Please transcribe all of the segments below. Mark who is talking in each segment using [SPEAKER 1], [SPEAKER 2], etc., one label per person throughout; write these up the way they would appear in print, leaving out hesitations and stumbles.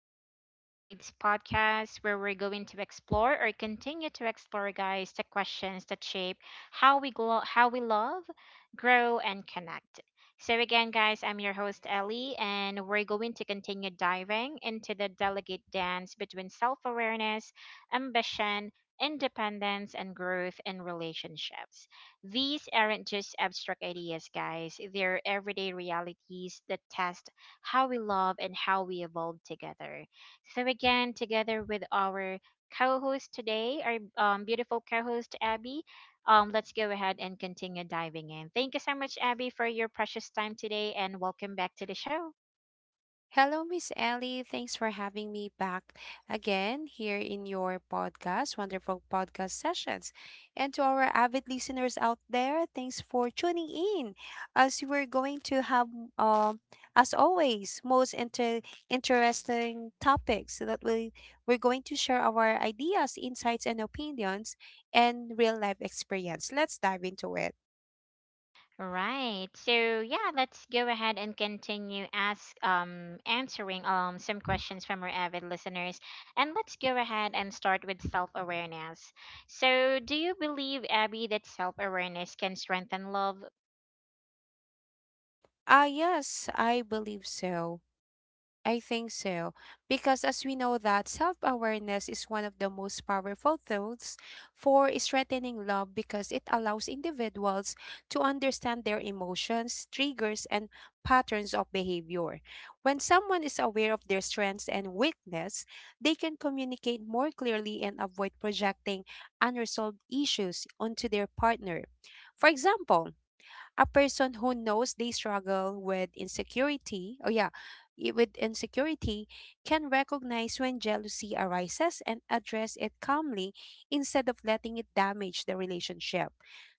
[SPEAKER 1] the Unspoken Words podcast, where we're going to explore or continue to explore, guys, the questions that shape how we love, grow, and connect. So again, guys, I'm your host Ellie, and we're going to continue diving into the delicate dance between self-awareness, ambition, independence, and growth in relationships. These aren't just abstract ideas, guys. They're everyday realities that test how we love, and how we evolve together. So, again, together with our co host today, our beautiful co host, Abby, let's go ahead and continue diving in. Thank you so much, Abby, for your precious time today, and welcome back to the show.
[SPEAKER 2] Hello, Miss Ellie. Thanks for having me back again here in your podcast, wonderful podcast sessions. And to our avid listeners out there, thanks for tuning in. As we're going to have, um, as always, most interesting topics that we're going to share our ideas, insights, and opinions, and real life experience. Let's dive into it.
[SPEAKER 1] Right. So yeah, let's go ahead and continue ask answering some questions from our avid listeners. And let's go ahead and start with self-awareness. So, do you believe, Abby, that self-awareness can strengthen love?
[SPEAKER 2] Ah, yes, I believe so. I think so. Because as we know that self-awareness is one of the most powerful tools for strengthening love because it allows individuals to understand their emotions, triggers, and patterns of behavior. When someone is aware of their strengths and weakness, they can communicate more clearly and avoid projecting unresolved issues onto their partner. For example, a person who knows they struggle with insecurity, oh yeah, with insecurity, can recognize when jealousy arises and address it calmly instead of letting it damage the relationship.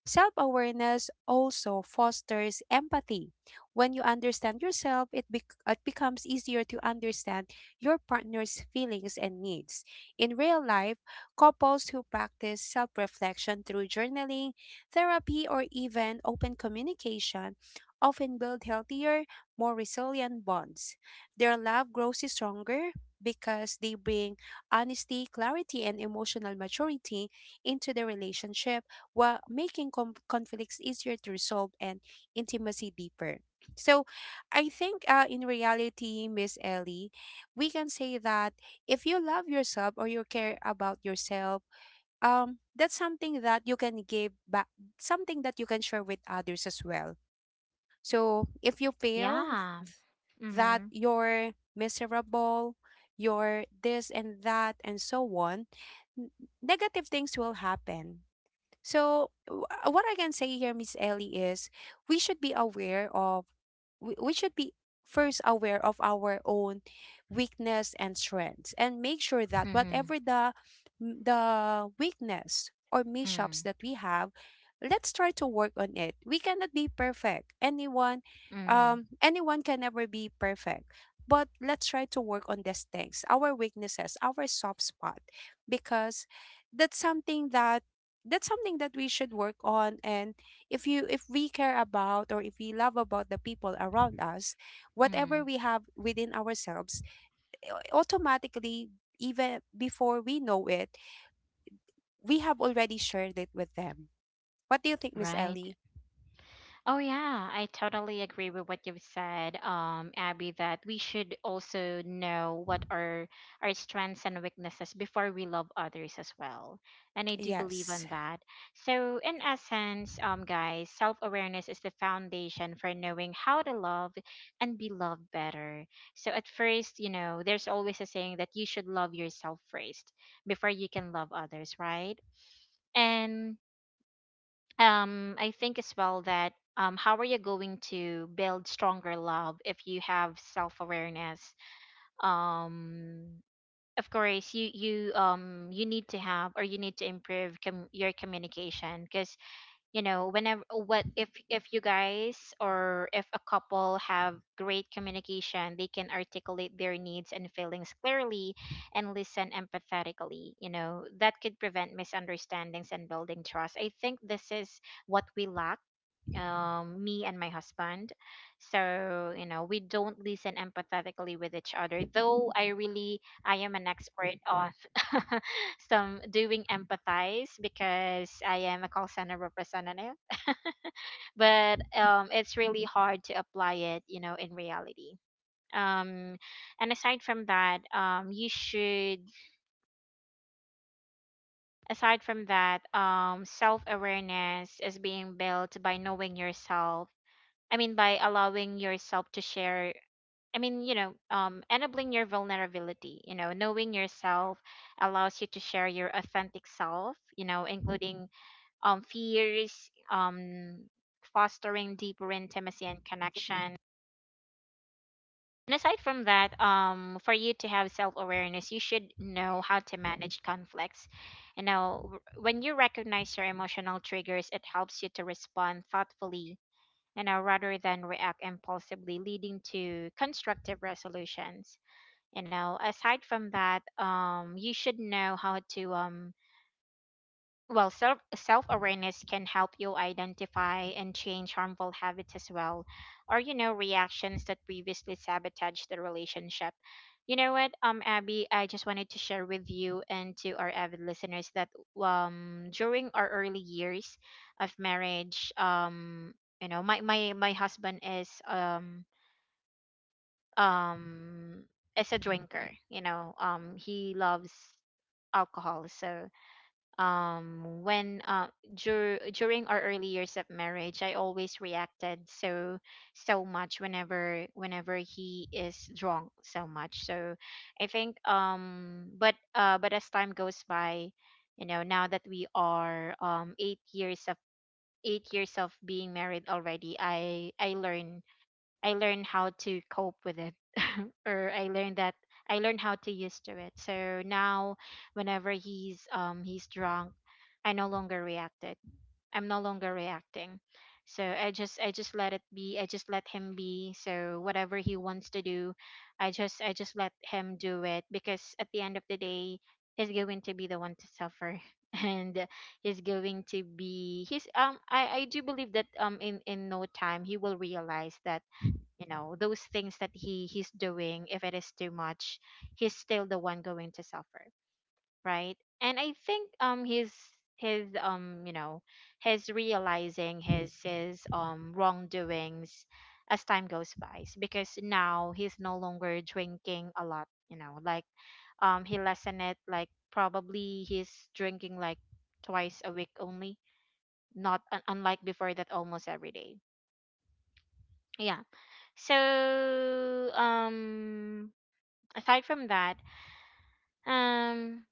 [SPEAKER 2] Self awareness also fosters empathy. When you understand yourself, it becomes easier to understand your partner's feelings and needs. In real life, couples who practice self reflection through journaling, therapy, or even open communication often build healthier, more resilient bonds. Their love grows stronger because they bring honesty, clarity, and emotional maturity into the relationship while making conflicts easier to resolve and intimacy deeper. So, I think in reality, Miss Ellie, we can say that if you love yourself or you care about yourself, that's something that you can give back, something that you can share with others as well. So if you feel
[SPEAKER 1] Yeah.
[SPEAKER 2] that
[SPEAKER 1] Mhm.
[SPEAKER 2] you're miserable, you're this and that and so on, n- negative things will happen. So, what I can say here, Miss Ellie, is we should be aware of, we should be first aware of our own weakness and strengths, and make sure that
[SPEAKER 1] Mhm.
[SPEAKER 2] whatever the weakness or mishaps
[SPEAKER 1] Mm.
[SPEAKER 2] that we have, let's try to work on it. We cannot be perfect. Anyone,
[SPEAKER 1] Mm.
[SPEAKER 2] anyone, can never be perfect, but let's try to work on these things, our weaknesses, our soft spot, because that's something that, we should work on. And if you, if we care about or if we love about the people around us, whatever
[SPEAKER 1] Mm.
[SPEAKER 2] we have within ourselves, automatically, even before we know it, we have already shared it with them. What do you think, Miss
[SPEAKER 1] Right.
[SPEAKER 2] Ellie?
[SPEAKER 1] Oh yeah, I totally agree with what you've said, Abby, that we should also know what are our strengths and weaknesses before we love others as well. And I do believe
[SPEAKER 2] Yes.
[SPEAKER 1] on that. So in essence, guys, self-awareness is the foundation for knowing how to love and be loved better. So at first, you know, there's always a saying that you should love yourself first before you can love others, right? And I think as well that how are you going to build stronger love if you have self-awareness? um of course, you you need to have or you need to improve your communication, because you know, whenever, what if you guys or if a couple have great communication, they can articulate their needs and feelings clearly and listen empathetically, you know, that could prevent misunderstandings and building trust. I think this is what we lack, me and my husband. So, you know, we don't listen empathetically with each other. Though I really I am an expert on some doing empathize because I am a call center representative. But it's really hard to apply it, you know, in reality. Um and aside from that, you should aside from that, um, self awareness is being built by knowing yourself. I mean, by allowing yourself to share, I mean, you know, enabling your vulnerability, you know, knowing yourself allows you to share your authentic self, you know, including fears, fostering deeper intimacy and connection. And aside from that, for you to have self awareness, you should know how to manage conflicts. You know, when you recognize your emotional triggers, it helps you to respond thoughtfully, you know, rather than react impulsively, leading to constructive resolutions. You know, aside from that, you should know how to well, self awareness can help you identify and change harmful habits as well, or you know, reactions that previously sabotaged the relationship. You know what, um, Abby, I just wanted to share with you and to our avid listeners that um, during our early years of marriage, um, you know, my husband um is a drinker, you know, um, he loves alcohol. So um, during our early years of marriage, I always reacted so so much, whenever he is drunk so much. So I think um, but as time goes by, you know, now that we are 8 years of 8 years of being married already, I learned how to cope with it or I learned that I learned how to use to it. So now whenever he's drunk, I no longer reacted. I'm no longer reacting. So I just let it be. I just let him be. So whatever he wants to do, I just let him do it, because at the end of the day, he's going to be the one to suffer and he's going to be he's I do believe that in no time he will realize that, you know, those things that he's doing, if it is too much, he's still the one going to suffer, right? And I think um, his you know, his realizing his wrongdoings as time goes by, because now he's no longer drinking a lot, you know, like um, he lessened it, like probably he's drinking like twice a week only, not unlike before that almost every day. Yeah. So um, aside from that, um,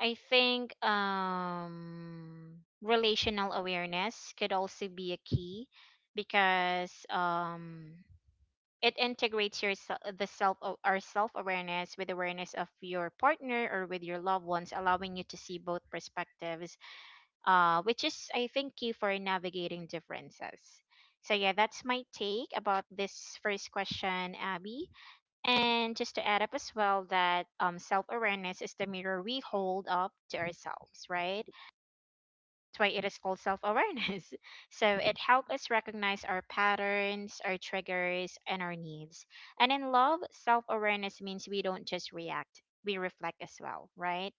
[SPEAKER 1] I think relational awareness could also be a key, because it integrates your our self awareness with awareness of your partner or with your loved ones, allowing you to see both perspectives, which is, I think, key for navigating differences. So, yeah, that's my take about this first question, Abby. And just to add up as well that self awareness is the mirror we hold up to ourselves, right? That's why it is called self awareness. So it helps us recognize our patterns, our triggers, and our needs. And in love, self awareness means we don't just react, we reflect as well, right?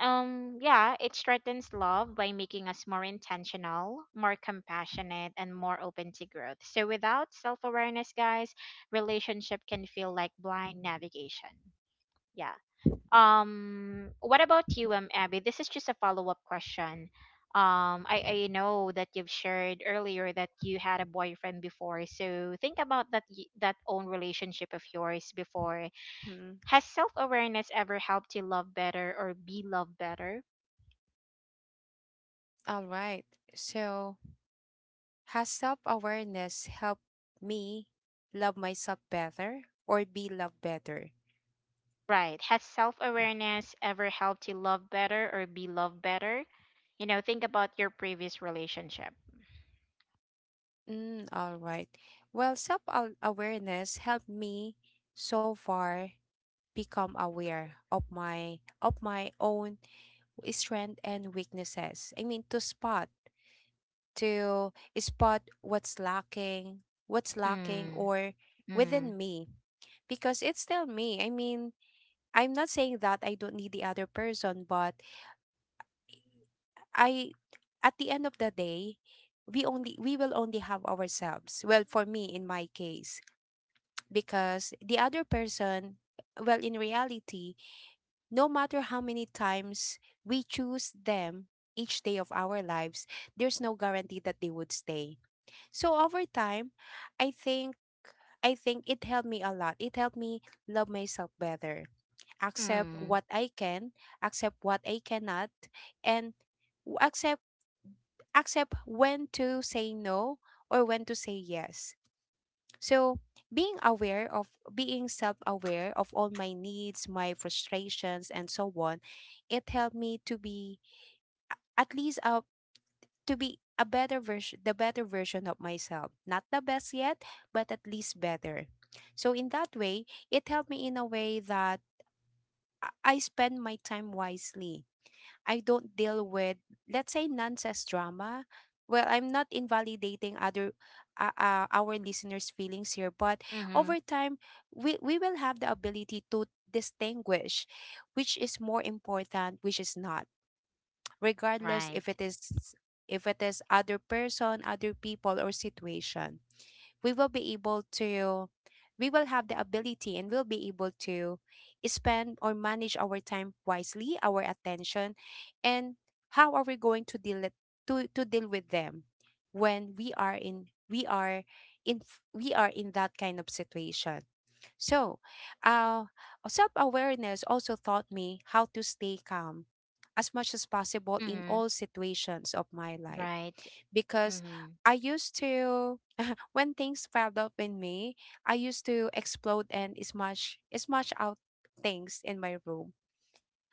[SPEAKER 1] Yeah, it strengthens love by making us more intentional, more compassionate, and more open to growth. So without self awareness, guys, relationship can feel like blind navigation. Yeah. What about you, Abby? This is just a follow up question. I know that you've shared earlier that you had a boyfriend before. So think about that that own relationship of yours before.
[SPEAKER 2] mm-hmm.
[SPEAKER 1] Has self awareness ever helped you love better or be loved better?
[SPEAKER 2] All right. So has self-awareness helped me love myself better or be loved better?
[SPEAKER 1] Right. Has self awareness ever helped you love better or be loved better? You know, think about your previous relationship.
[SPEAKER 2] Mm, all right. Well, self awareness helped me so far become aware of my own strength and weaknesses. I mean to spot, what's lacking,
[SPEAKER 1] Mm,
[SPEAKER 2] or
[SPEAKER 1] mm,
[SPEAKER 2] within me, because it's still me. I mean, I'm not saying that I don't need the other person, but I, at the end of the day, we will only have ourselves. Well, for me in my case, because the other person, well, in reality, no matter how many times we choose them each day of our lives, there's no guarantee that they would stay. So over time, i think I think it helped me a lot. It helped me love myself better, accept
[SPEAKER 1] mm,
[SPEAKER 2] what I can, accept what I cannot, and w- accept accept when to say no or when to say yes. So, being aware, of being self aware of all my needs, my frustrations, and so on, it helped me to be at least to be a better version, the better version of myself. Not the best yet, but at least better. So, in that way, it helped me in a way that I spend my time wisely. I don't deal with, let's say, nonsense drama. Well, I'm not invalidating other, our listeners' feelings here, but
[SPEAKER 1] mm-hmm.
[SPEAKER 2] over time, we will have the ability to distinguish which is more important, which is not, regardless
[SPEAKER 1] Right.
[SPEAKER 2] if it is, other person, other people, or situation. We will be able to, we will have the ability and we'll be able to spend or manage our time wisely, our attention, and how are we going to deal with them when we are in that kind of situation. So uh self-awareness also taught me how to stay calm as much as possible in
[SPEAKER 1] Mm-hmm.
[SPEAKER 2] all situations of my life.
[SPEAKER 1] Right.
[SPEAKER 2] Because
[SPEAKER 1] Mm-hmm.
[SPEAKER 2] I used to when things piled up in me, I used to explode and smash out things in my room.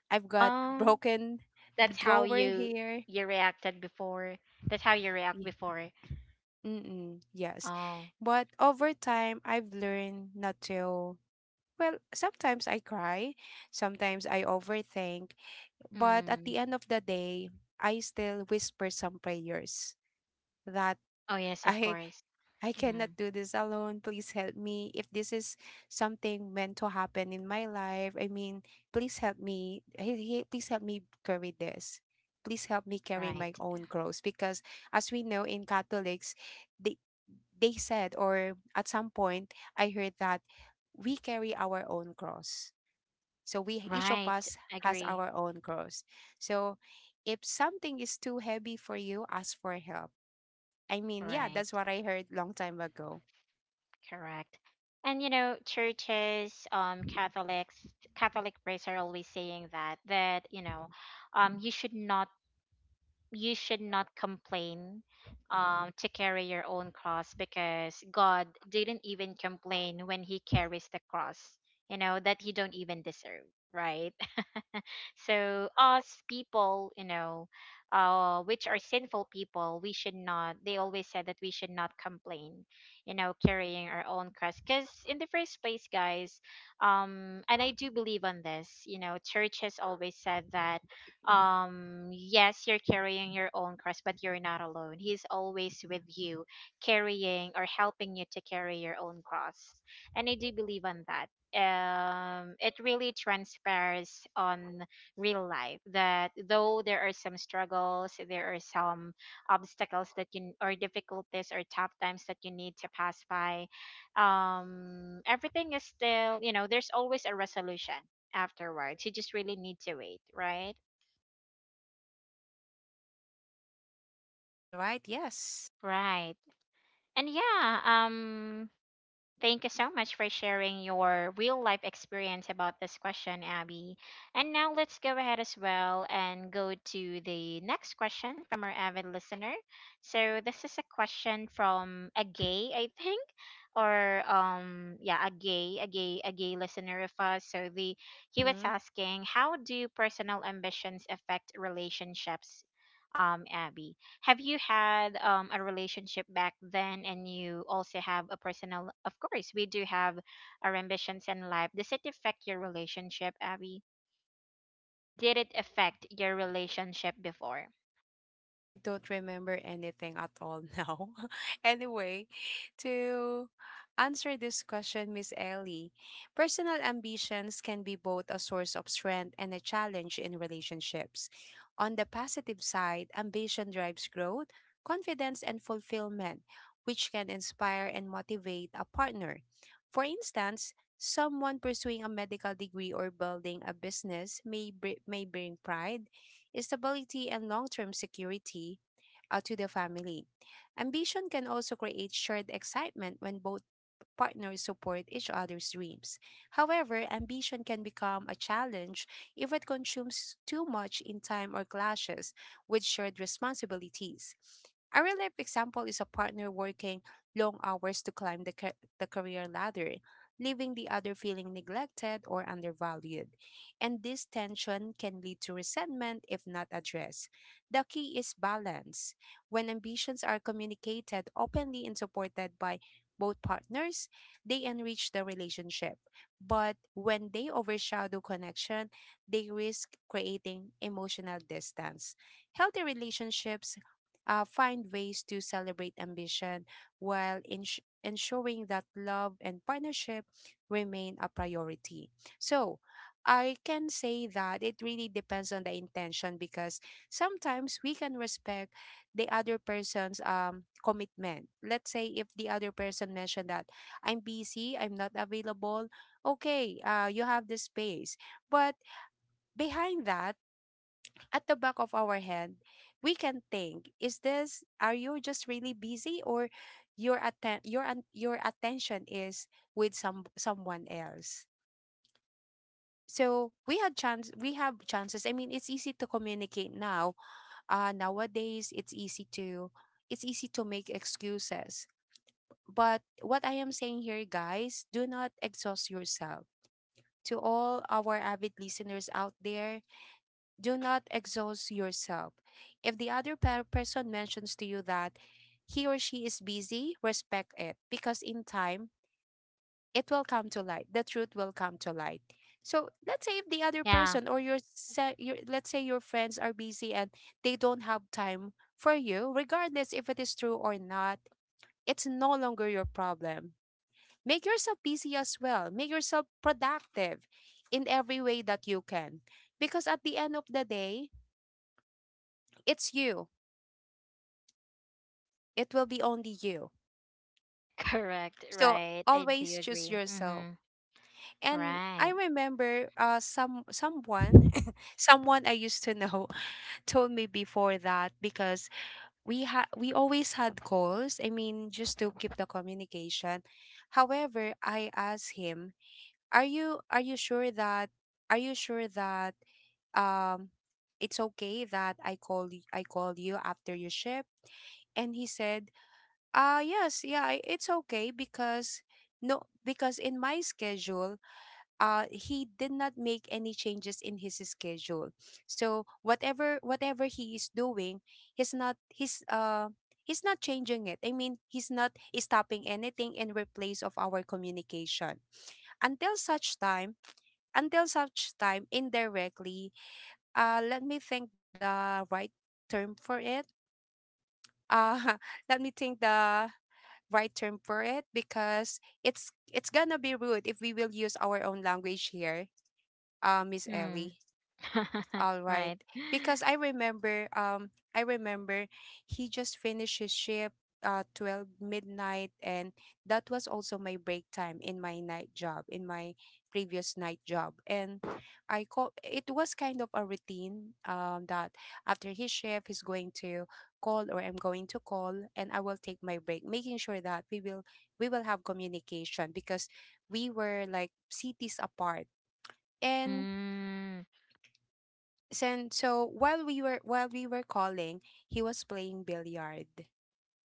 [SPEAKER 2] I've got
[SPEAKER 1] Um,
[SPEAKER 2] broken
[SPEAKER 1] that's how
[SPEAKER 2] drawer here.
[SPEAKER 1] you reacted before. That's how you react
[SPEAKER 2] y-
[SPEAKER 1] before.
[SPEAKER 2] Mm-mm, yes.
[SPEAKER 1] Oh.
[SPEAKER 2] But over time, I've learned not to. Well, sometimes I cry, sometimes I overthink, but at the
[SPEAKER 1] Mm.
[SPEAKER 2] end of the day, I still whisper some prayers that
[SPEAKER 1] Oh yes, of
[SPEAKER 2] I,
[SPEAKER 1] course.
[SPEAKER 2] cannot
[SPEAKER 1] Mm.
[SPEAKER 2] do this alone. Please help me. If this is something meant to happen in my life, I mean, please help me. Please help me carry this. Please help me carry
[SPEAKER 1] Right.
[SPEAKER 2] my own cross. Because as we know in Catholics, they, they said, or at some point, I heard that we carry our own cross. So we, each of
[SPEAKER 1] Right.
[SPEAKER 2] us, has
[SPEAKER 1] Agree.
[SPEAKER 2] our own cross. So if something is too heavy for you, ask for help. I mean, yeah, that's
[SPEAKER 1] Right.
[SPEAKER 2] what I heard long time ago.
[SPEAKER 1] Correct. And you know, churches, Catholics, Catholic priests are always saying that you know, um, you should not you should not complain, to carry your own cross, because God didn't even complain when He carries the cross. You know that you don't even deserve, right? So us people, you know, which are sinful people, we should not. They always said that we should not complain, you know, carrying our own cross. Because in the first place, guys, and I do believe on this. You know, church has always said that, yes, you're carrying your own cross, but you're not alone. He's always with you, carrying or helping you to carry your own cross. And I do believe on that. It really transpires on real life that though there are some struggles, there are some obstacles that you, or difficulties or tough times that you need to pass by, um, everything is still, you know, there's always a resolution afterwards. You just really need to wait, right?
[SPEAKER 2] All right, yes.
[SPEAKER 1] Right. And yeah, um, thank you so much for sharing your real life experience about this question, Abby. And now let's go ahead as well and go to the next question from our avid listener. So this is a question from a gay, I think, or yeah, a gay listener of us. So the he was
[SPEAKER 2] Mm-mm.
[SPEAKER 1] asking, how do personal ambitions affect relationships, Abby? Have you had a relationship back then and you also have a personal, of course we do have our ambitions in life. Does it affect your relationship, Abby? Did it affect your relationship before?
[SPEAKER 2] I don't remember anything at all now. Anyway, to answer this question, Miss Ellie, personal ambitions can be both a source of strength and a challenge in relationships. On the positive side, ambition drives growth, confidence, and fulfillment, which can inspire and motivate a partner. For instance, someone pursuing a medical degree or building a business may bring pride, stability, and long term security to the family. Ambition can also create shared excitement when both partners support each other's dreams. However, ambition can become a challenge if it consumes too much in time or clashes with shared responsibilities. A real life example is a partner working long hours to climb the career ladder, leaving the other feeling neglected or undervalued. And this tension can lead to resentment if not addressed. The key is balance. When ambitions are communicated openly and supported by both partners, they enrich the relationship. But when they overshadow connection, they risk creating emotional distance. Healthy relationships find ways to celebrate ambition while ensuring that love and partnership remain a priority. So, I can say that it really depends on the intention, because sometimes we can respect the other person's commitment. Let's say if the other person mentioned that I'm busy, I'm not available. Okay, you have the space. But behind that, at the back of our head, we can think: Is this? Are you just really busy, or your attention is with someone else? So we had chance. We have chances. I mean, it's easy to communicate now. Nowadays, it's easy to make excuses. But what I am saying here, guys, do not exhaust yourself. To all our avid listeners out there, do not exhaust yourself. If the other person mentions to you that he or she is busy, respect it, because in time it will come to light. The truth will come to light. So let's say if the other
[SPEAKER 1] Yeah,
[SPEAKER 2] person or your, se- your let's say your friends are busy and they don't have time for you, regardless if it is true or not, it's no longer your problem. Make yourself busy as well. Make yourself productive in every way that you can. Because at the end of the day, it's you. It will be only you.
[SPEAKER 1] correct,
[SPEAKER 2] So
[SPEAKER 1] right. I do
[SPEAKER 2] always choose
[SPEAKER 1] agree.
[SPEAKER 2] yourself.
[SPEAKER 1] Mm-hmm.
[SPEAKER 2] And I
[SPEAKER 1] Right.
[SPEAKER 2] remember someone someone I used to know told me before that, because we always had calls. I mean, just to keep the communication. However, I asked him, "Are you, are you sure that um it's okay that I call you after your shift?" And he said, "Yes, yeah, it's okay, because no, because in my schedule," he did not make any changes in his schedule. So whatever he is doing, he's not he's uh he's not changing it. I mean, he's not stopping anything in replace of our communication. Until such time, indirectly let me think the right term for it, uh let me think the right term for it, because it's gonna be rude if we will use our own language here, Miss
[SPEAKER 1] Mm.
[SPEAKER 2] Ellie. All right.
[SPEAKER 1] right.
[SPEAKER 2] Because I remember he just finished his shift 12 midnight, and that was also my break time in my night job, in my previous night job. And I call it was kind of a routine, that after his shift he's going to call or I'm going to call, and I will take my break making sure that we will have communication because we were like cities apart. and
[SPEAKER 1] Mm.
[SPEAKER 2] and so while we were calling, he was playing billiard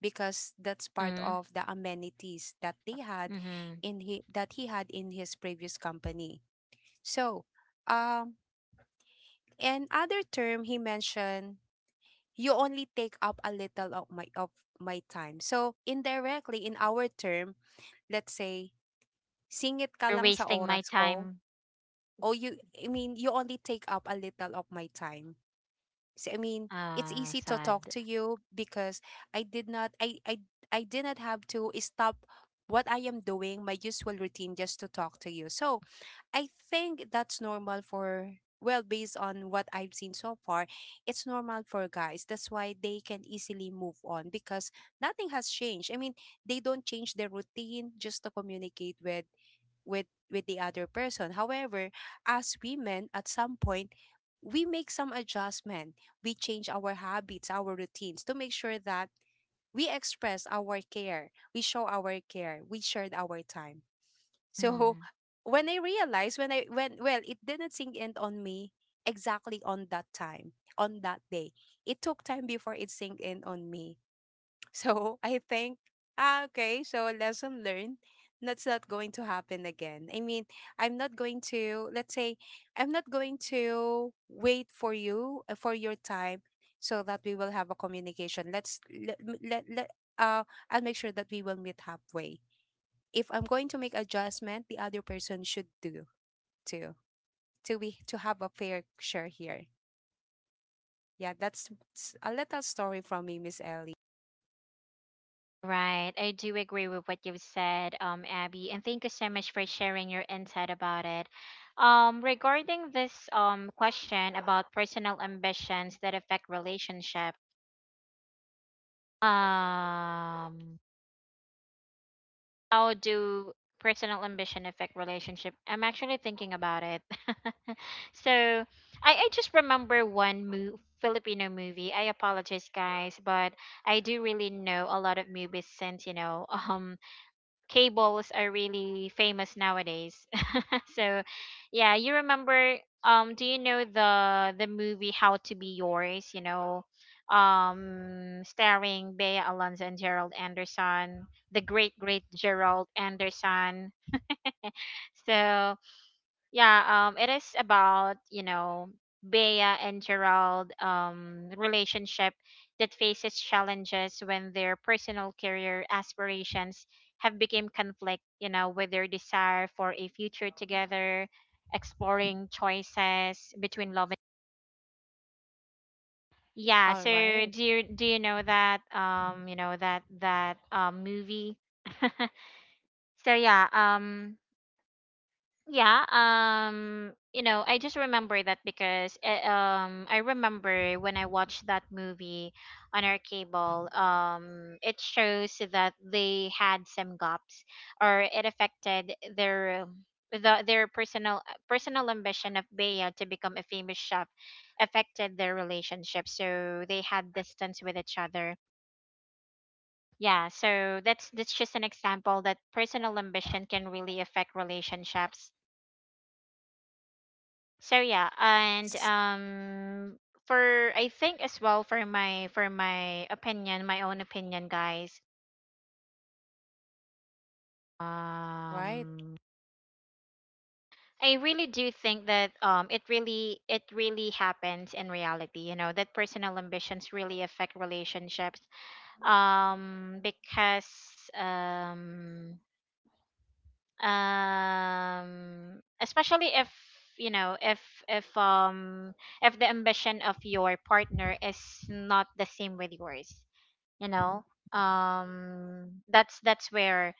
[SPEAKER 2] because that's part
[SPEAKER 1] Mm.
[SPEAKER 2] of the amenities that they had
[SPEAKER 1] Mm-hmm.
[SPEAKER 2] in he that he had in his previous company. So, um, and other term he mentioned, you only take up a little of my time. So indirectly in our term, let's say, singit ka
[SPEAKER 1] You're
[SPEAKER 2] lang sa
[SPEAKER 1] wasting my
[SPEAKER 2] oras ko.
[SPEAKER 1] time.
[SPEAKER 2] O you, I mean, you only take up a little of my time. So I mean, it's
[SPEAKER 1] Ah,
[SPEAKER 2] easy to talk
[SPEAKER 1] sad.
[SPEAKER 2] to you because I did not I I I did not have to stop what I am doing, my usual routine, just to talk to you. So I think that's normal for, well, based on what I've seen so far, it's normal for guys. That's why they can easily move on because nothing has changed. I mean, they don't change their routine just to communicate with with the other person. However, as women, at some point, we make some adjustment. We change our habits, our routines to make sure that we express our care, we show our care, we shared our time. So
[SPEAKER 1] Mm.
[SPEAKER 2] when I realized, when I when well, it didn't sink in on me exactly on that time, on that day. It took time before it sank in on me. So I think, ah, okay, so lesson learned. That's not going to happen again. I mean, I'm not going to, let's say, I'm not going to wait for you, for your time, so that we will have a communication. Let's, let, let, let, uh, I'll make sure that we will meet halfway. If I'm going to make adjustment, the other person should do too, to be, to have a fair share here. Yeah, that's a little story from me, Miss Ellie.
[SPEAKER 1] Right. I do agree with what you've said, Abby, and thank you so much for sharing your insight about it. Regarding this question about personal ambitions that affect relationship, um, how do personal ambition affect relationship? I'm actually thinking about it. So I just remember one Filipino movie. I apologize, guys, but I do really know a lot of movies, since you know, um, cables are really famous nowadays. So, yeah, you remember? Do you know the movie How to Be Yours? You know, starring Bea Alonzo and Gerald Anderson, the great Gerald Anderson. So yeah, it is about, you know, Bea and Gerald relationship that faces challenges when their personal career aspirations have become conflict, you know, with their desire for a future together, exploring choices between love and yeah,
[SPEAKER 2] All
[SPEAKER 1] so
[SPEAKER 2] right.
[SPEAKER 1] do you know that movie? so yeah, um I just remember that because I remember when I watched that movie on our cable, it shows that they had some gaps or it affected their the, their personal personal ambition of Bea to become a famous chef affected their relationship. So they had distance with each other. Yeah, so that's just an example that personal ambition can really affect relationships, so yeah and
[SPEAKER 2] Yes.
[SPEAKER 1] for I think as well, for my opinion, my own opinion, guys,
[SPEAKER 2] All right.
[SPEAKER 1] um I really do think that it really, it really happens in reality, you know, that personal ambitions really affect relationships, because especially if you know if um if the ambition of your partner is not the same with yours, you know, um that's that's where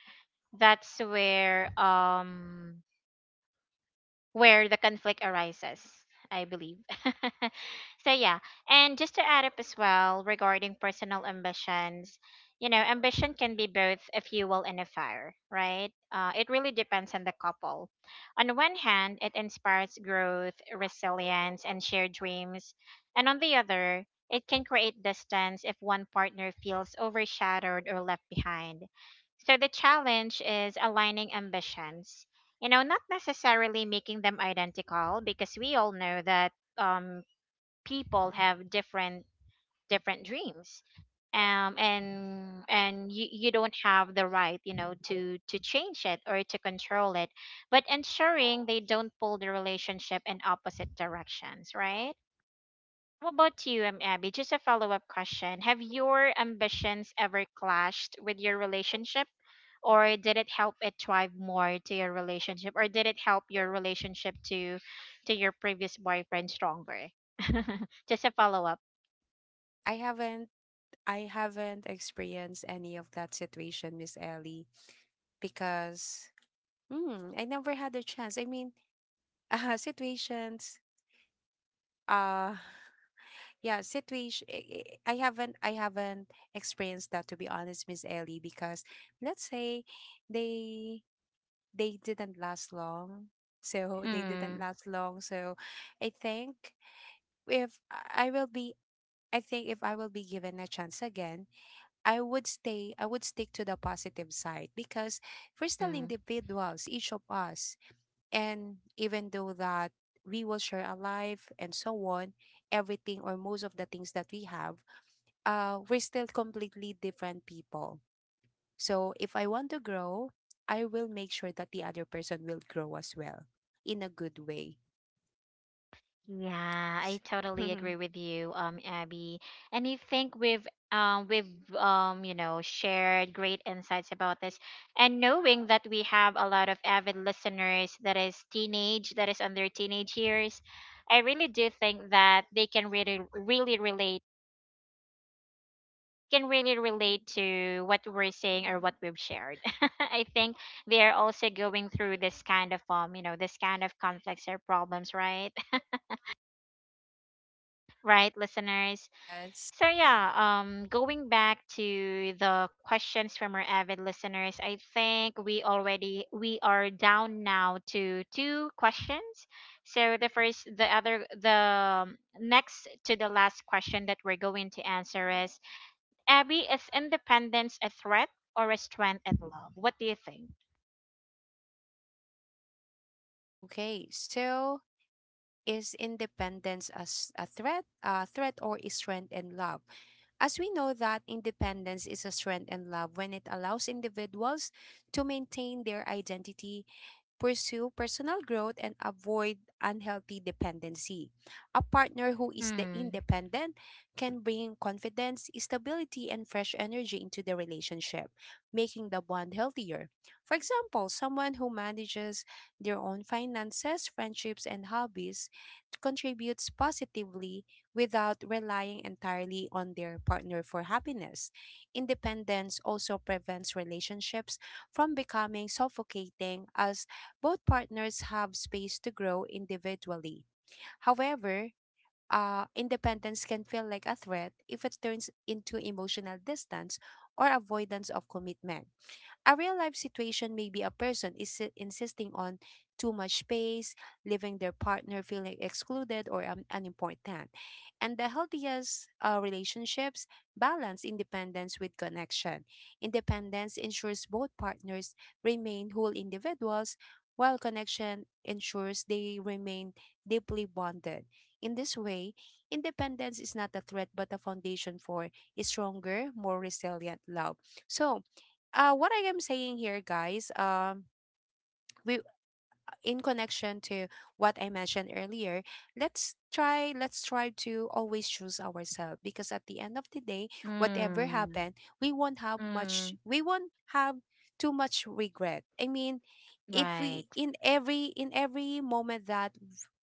[SPEAKER 1] that's where the conflict arises, I believe. So yeah, and just to add up as well regarding personal ambitions, you know, ambition can be both a fuel and a fire, right? It really depends on the couple. On one hand, it inspires growth, resilience, and shared dreams, and on the other, it can create distance if one partner feels overshadowed or left behind. So, the challenge is aligning ambitions, you know, not necessarily making them identical, because we all know that um people have different different dreams, and you don't have the right, you know, to change it or to control it, but ensuring they don't pull the relationship in opposite directions, right? How about you, Abby? Just a follow up question. Have your ambitions ever clashed with your relationship? Or did it help it thrive more to your relationship? Or did it help your relationship to your previous boyfriend stronger? Just a follow up.
[SPEAKER 2] I haven't I haven't experienced any of that situation, Miss Ellie, because I never had a chance. I mean, situations uh yeah, I haven't experienced that, to be honest, Miss Ellie, because let's say they they didn't last long. So they didn't
[SPEAKER 1] Mm-hmm.
[SPEAKER 2] last long. So I think if I I will be I think if I will be given a chance again, I would stay, I would stick to the positive side because we're still individuals, each of us. And even though that we will share a life and so on, everything or most of the things that we have, we're still completely different people. So if I want to grow, I will make sure that the other person will grow as well, in a good way.
[SPEAKER 1] Yeah, I
[SPEAKER 2] S-
[SPEAKER 1] totally agree with you, Abby. And I think we've you know shared great insights about this. And knowing that we have a lot of avid listeners that is teenage, that is under teenage years, I really do think that they can really really relate, can really relate to what we're saying or what we've shared. I think they are also going through this kind of you know, this kind of conflicts or problems, right? Right, listeners?
[SPEAKER 2] yes.
[SPEAKER 1] So yeah, going back to the questions from our avid listeners, I think we already, we are down now to two questions. So the next to the last question that we're going to answer is, Abby, is independence a threat or a strength in love? What do you think?
[SPEAKER 2] Okay. So is independence a, a threat, or a strength in love? As we know that independence is a strength and love when it allows individuals to maintain their identity, pursue personal growth, and avoid unhealthy dependency. A partner who is
[SPEAKER 1] Mm,
[SPEAKER 2] the independent can bring confidence, stability, and fresh energy into the relationship, making the bond healthier. For example, someone who manages their own finances, friendships, and hobbies contributes positively without relying entirely on their partner for happiness. Independence also prevents relationships from becoming suffocating as both partners have space to grow individually. However, independence can feel like a threat if it turns into emotional distance or avoidance of commitment. A real life situation may be a person is insisting on too much space, leaving their partner feeling excluded or unimportant. And the healthiest relationships balance independence with connection. Independence ensures both partners remain whole individuals, while connection ensures they remain deeply bonded. In this way, independence is not a threat but a foundation for a stronger, more resilient love. So, what I am saying here, guys, we, in connection to what I mentioned earlier, let's try to always choose ourselves because at the end of the day, whatever
[SPEAKER 1] mm,
[SPEAKER 2] happened,
[SPEAKER 1] mm,
[SPEAKER 2] we won't have too much regret. I mean, if we,
[SPEAKER 1] right.
[SPEAKER 2] in every moment that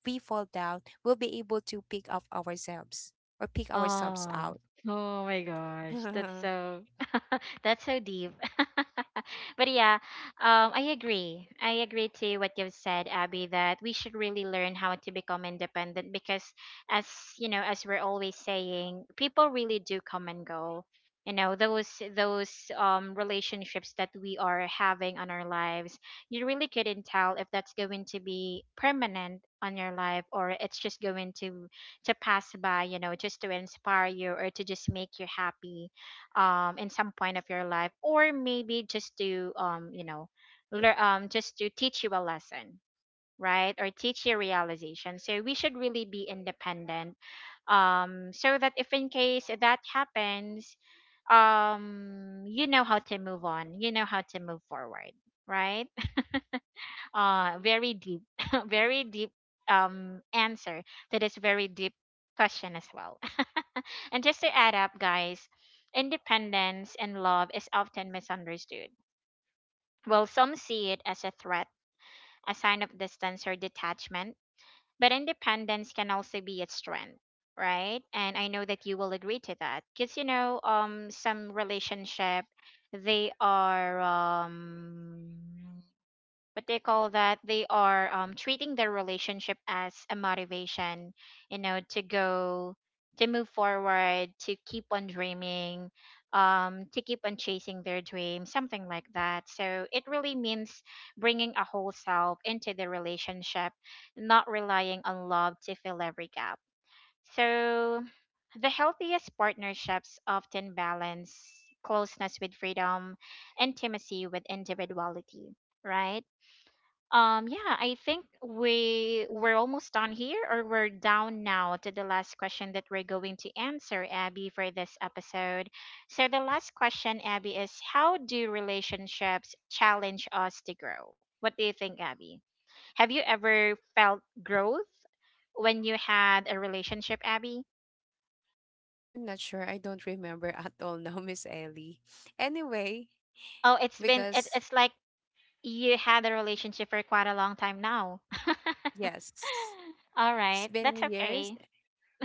[SPEAKER 2] we fall down, we'll be able to pick up ourselves or pick ourselves
[SPEAKER 1] Oh,
[SPEAKER 2] out.
[SPEAKER 1] oh my gosh, that's
[SPEAKER 2] I'm
[SPEAKER 1] so, that's so deep. But yeah, I agree. I agree to what you've said, Abby, that we should really learn how to become independent because as, you know, as we're always saying, people really do come and go. You know, those relationships that we are having on our lives, you really couldn't tell if that's going to be permanent on your life or it's just going to pass by, you know, just to inspire you or to just make you happy in some point of your life, or maybe just to you know, learn, just to teach you a lesson, right? Or teach you realization. So we should really be independent, so that if in case that happens, you know how to move on, you know how to move forward, right? Very deep, very deep answer to this very deep question as well. And just to add up, guys, independence and love is often misunderstood. Well, some see it as a threat, a sign of distance or detachment, but independence can also be a strength, right? And I know that you will agree to that, because you know, some relationship, they are what they call that they are treating their relationship as a motivation, you know, to go, to move forward, to keep on dreaming, to keep on chasing their dream, something like that. So it really means bringing a whole self into the relationship, not relying on love to fill every gap. So the healthiest partnerships often balance closeness with freedom, intimacy with individuality, right? Yeah, I think we, we're almost done here, or we're down now to the last question that we're going to answer, Abby, for this episode. So the last question, Abby, is how do relationships challenge us to grow? What do you think, Abby? Have you ever felt growth when you had a relationship, Abby?
[SPEAKER 2] not sure. I don't remember at all now, Miss Ellie. Anyway,
[SPEAKER 1] Oh, it's been, it,
[SPEAKER 2] because
[SPEAKER 1] it's like you had a relationship for quite a long time now.
[SPEAKER 2] yes,
[SPEAKER 1] All
[SPEAKER 2] it's
[SPEAKER 1] right,
[SPEAKER 2] been
[SPEAKER 1] that's
[SPEAKER 2] years
[SPEAKER 1] okay.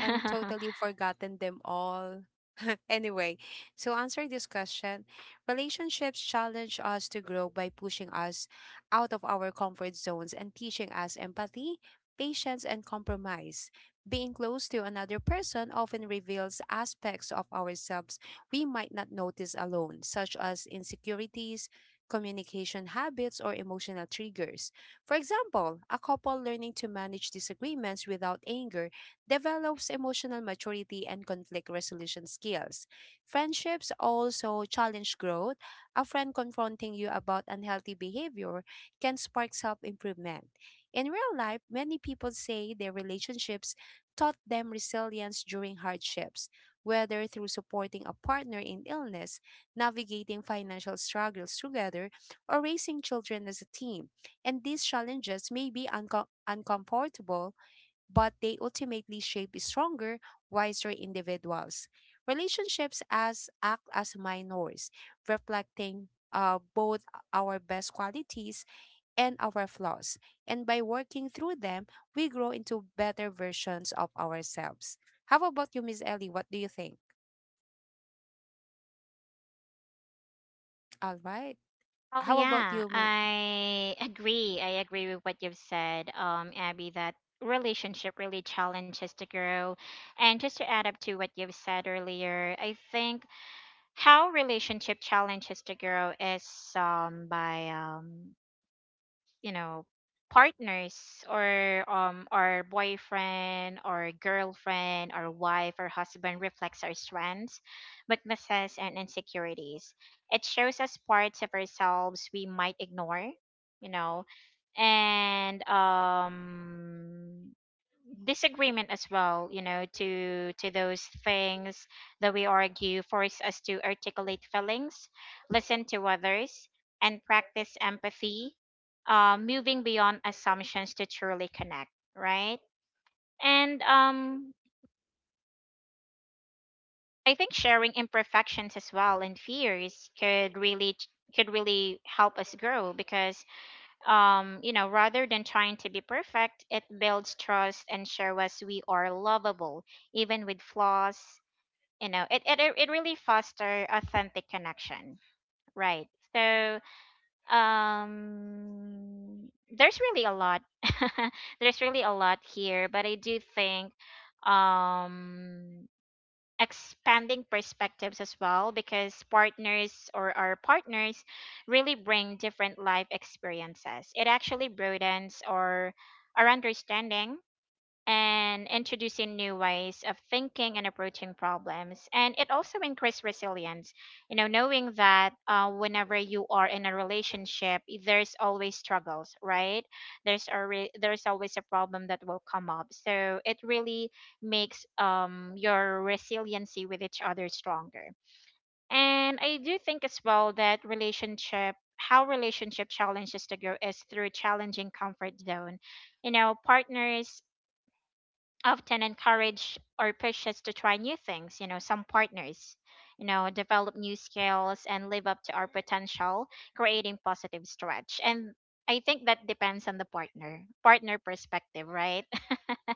[SPEAKER 2] and totally forgotten them all. Anyway, so answer this question, relationships challenge us to grow by pushing us out of our comfort zones and teaching us empathy, patience, and compromise. Being close to another person often reveals aspects of ourselves we might not notice alone, such as insecurities, communication habits, or emotional triggers. For example, a couple learning to manage disagreements without anger develops emotional maturity and conflict resolution skills. Friendships also challenge growth. A friend confronting you about unhealthy behavior can spark self improvement. In real life, many people say their relationships taught them resilience during hardships, whether through supporting a partner in illness, navigating financial struggles together, or raising children as a team. And these challenges may be uncomfortable, but they ultimately shape stronger, wiser individuals. Relationships as act as mirrors, reflecting both our best qualities and our flaws. And by working through them, we grow into better versions of ourselves. How about you, Miss Ellie? What do you think? All right.
[SPEAKER 1] Oh
[SPEAKER 2] How about
[SPEAKER 1] yeah,
[SPEAKER 2] you,
[SPEAKER 1] I agree. I agree with what you've said, Abby, that relationship really challenges to grow. And just to add up to what you've said earlier, I think how relationship challenges to grow is by you know partners or our boyfriend or girlfriend or wife or husband reflects our strengths, weaknesses and insecurities. It shows us parts of ourselves we might ignore, you know, and disagreement as well, you know, to those things that we argue, force us to articulate feelings, listen to others, and practice empathy, moving beyond assumptions to truly connect, right? And I think sharing imperfections as well and fears could really help us grow because you know, rather than trying to be perfect, it builds trust and shows us we are lovable even with flaws. You know it really foster authentic connection, right? So um there's really a lot, there's really a lot here, but I do think um expanding perspectives as well, because partners or our partners really bring different life experiences. It actually broadens our understanding and introducing new ways of thinking and approaching problems. And it also increased resilience, you know, knowing that whenever you are in a relationship, there's always struggles, right? There's always a problem that will come up. So it really makes your resiliency with each other stronger. And I do think as well that relationship, how relationship challenges to grow is through challenging comfort zone. You know partners often encourage or push us to try new things, you know, some partners, you know, develop new skills and live up to our potential, creating positive stretch. And I think that depends on the partner partner perspective, right?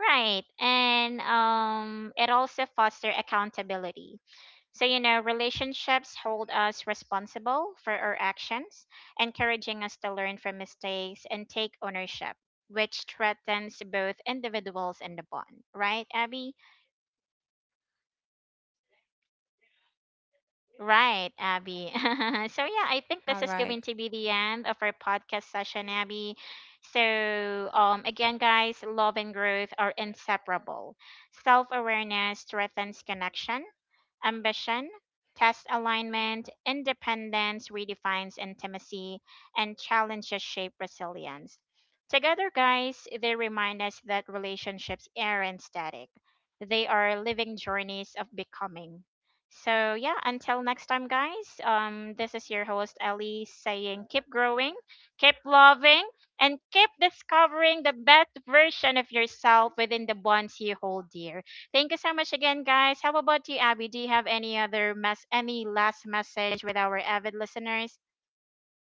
[SPEAKER 1] Right. And it also foster accountability. So you know, relationships hold us responsible for our actions, encouraging us to learn from mistakes and take ownership, which strengthens both individuals and the bond. Right, Abby? Right, Abby. So yeah, I think
[SPEAKER 2] all
[SPEAKER 1] this is
[SPEAKER 2] right?
[SPEAKER 1] going to be the end of our podcast session, Abby. So again guys, love and growth are inseparable. Self-awareness strengthens connection. Ambition, test alignment, independence redefines intimacy, and challenges shape resilience. Together, guys, they remind us that relationships aren't static, they are living journeys of becoming. So, yeah, until next time, guys, this is your host, Ellie, saying keep growing, keep loving, and keep discovering the best version of yourself within the bonds you hold dear. Thank you so much again, guys. How about you, Abby? Do you have any other mess, any last message with our avid listeners?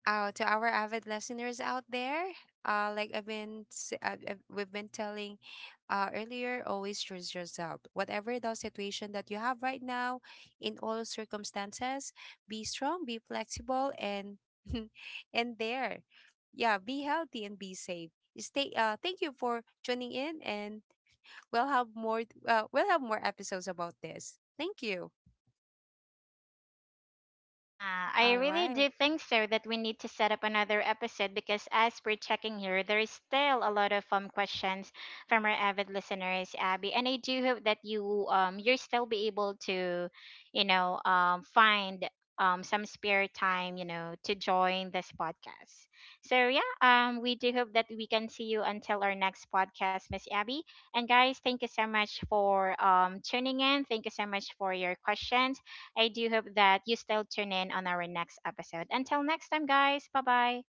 [SPEAKER 2] to our avid listeners out there, like we've been telling earlier, always trust yourself. Whatever the situation that you have right now, in all circumstances, be strong, be flexible, and and there, yeah, be healthy and be safe. Stay. Thank you for tuning in, and we'll have more. We'll have more episodes about this. Thank you.
[SPEAKER 1] Ah, I
[SPEAKER 2] All
[SPEAKER 1] really
[SPEAKER 2] right.
[SPEAKER 1] do think so that we need to set up another episode, because as we're checking here, there is still a lot of questions from our avid listeners, Abby, and I do hope that you you'll still be able to, you know, find some spare time, you know, to join this podcast. So yeah, we do hope that we can see you until our next podcast, Miss Abby. And guys, thank you so much for tuning in. Thank you so much for your questions. I do hope that you still tune in on our next episode. Until next time, guys, bye bye.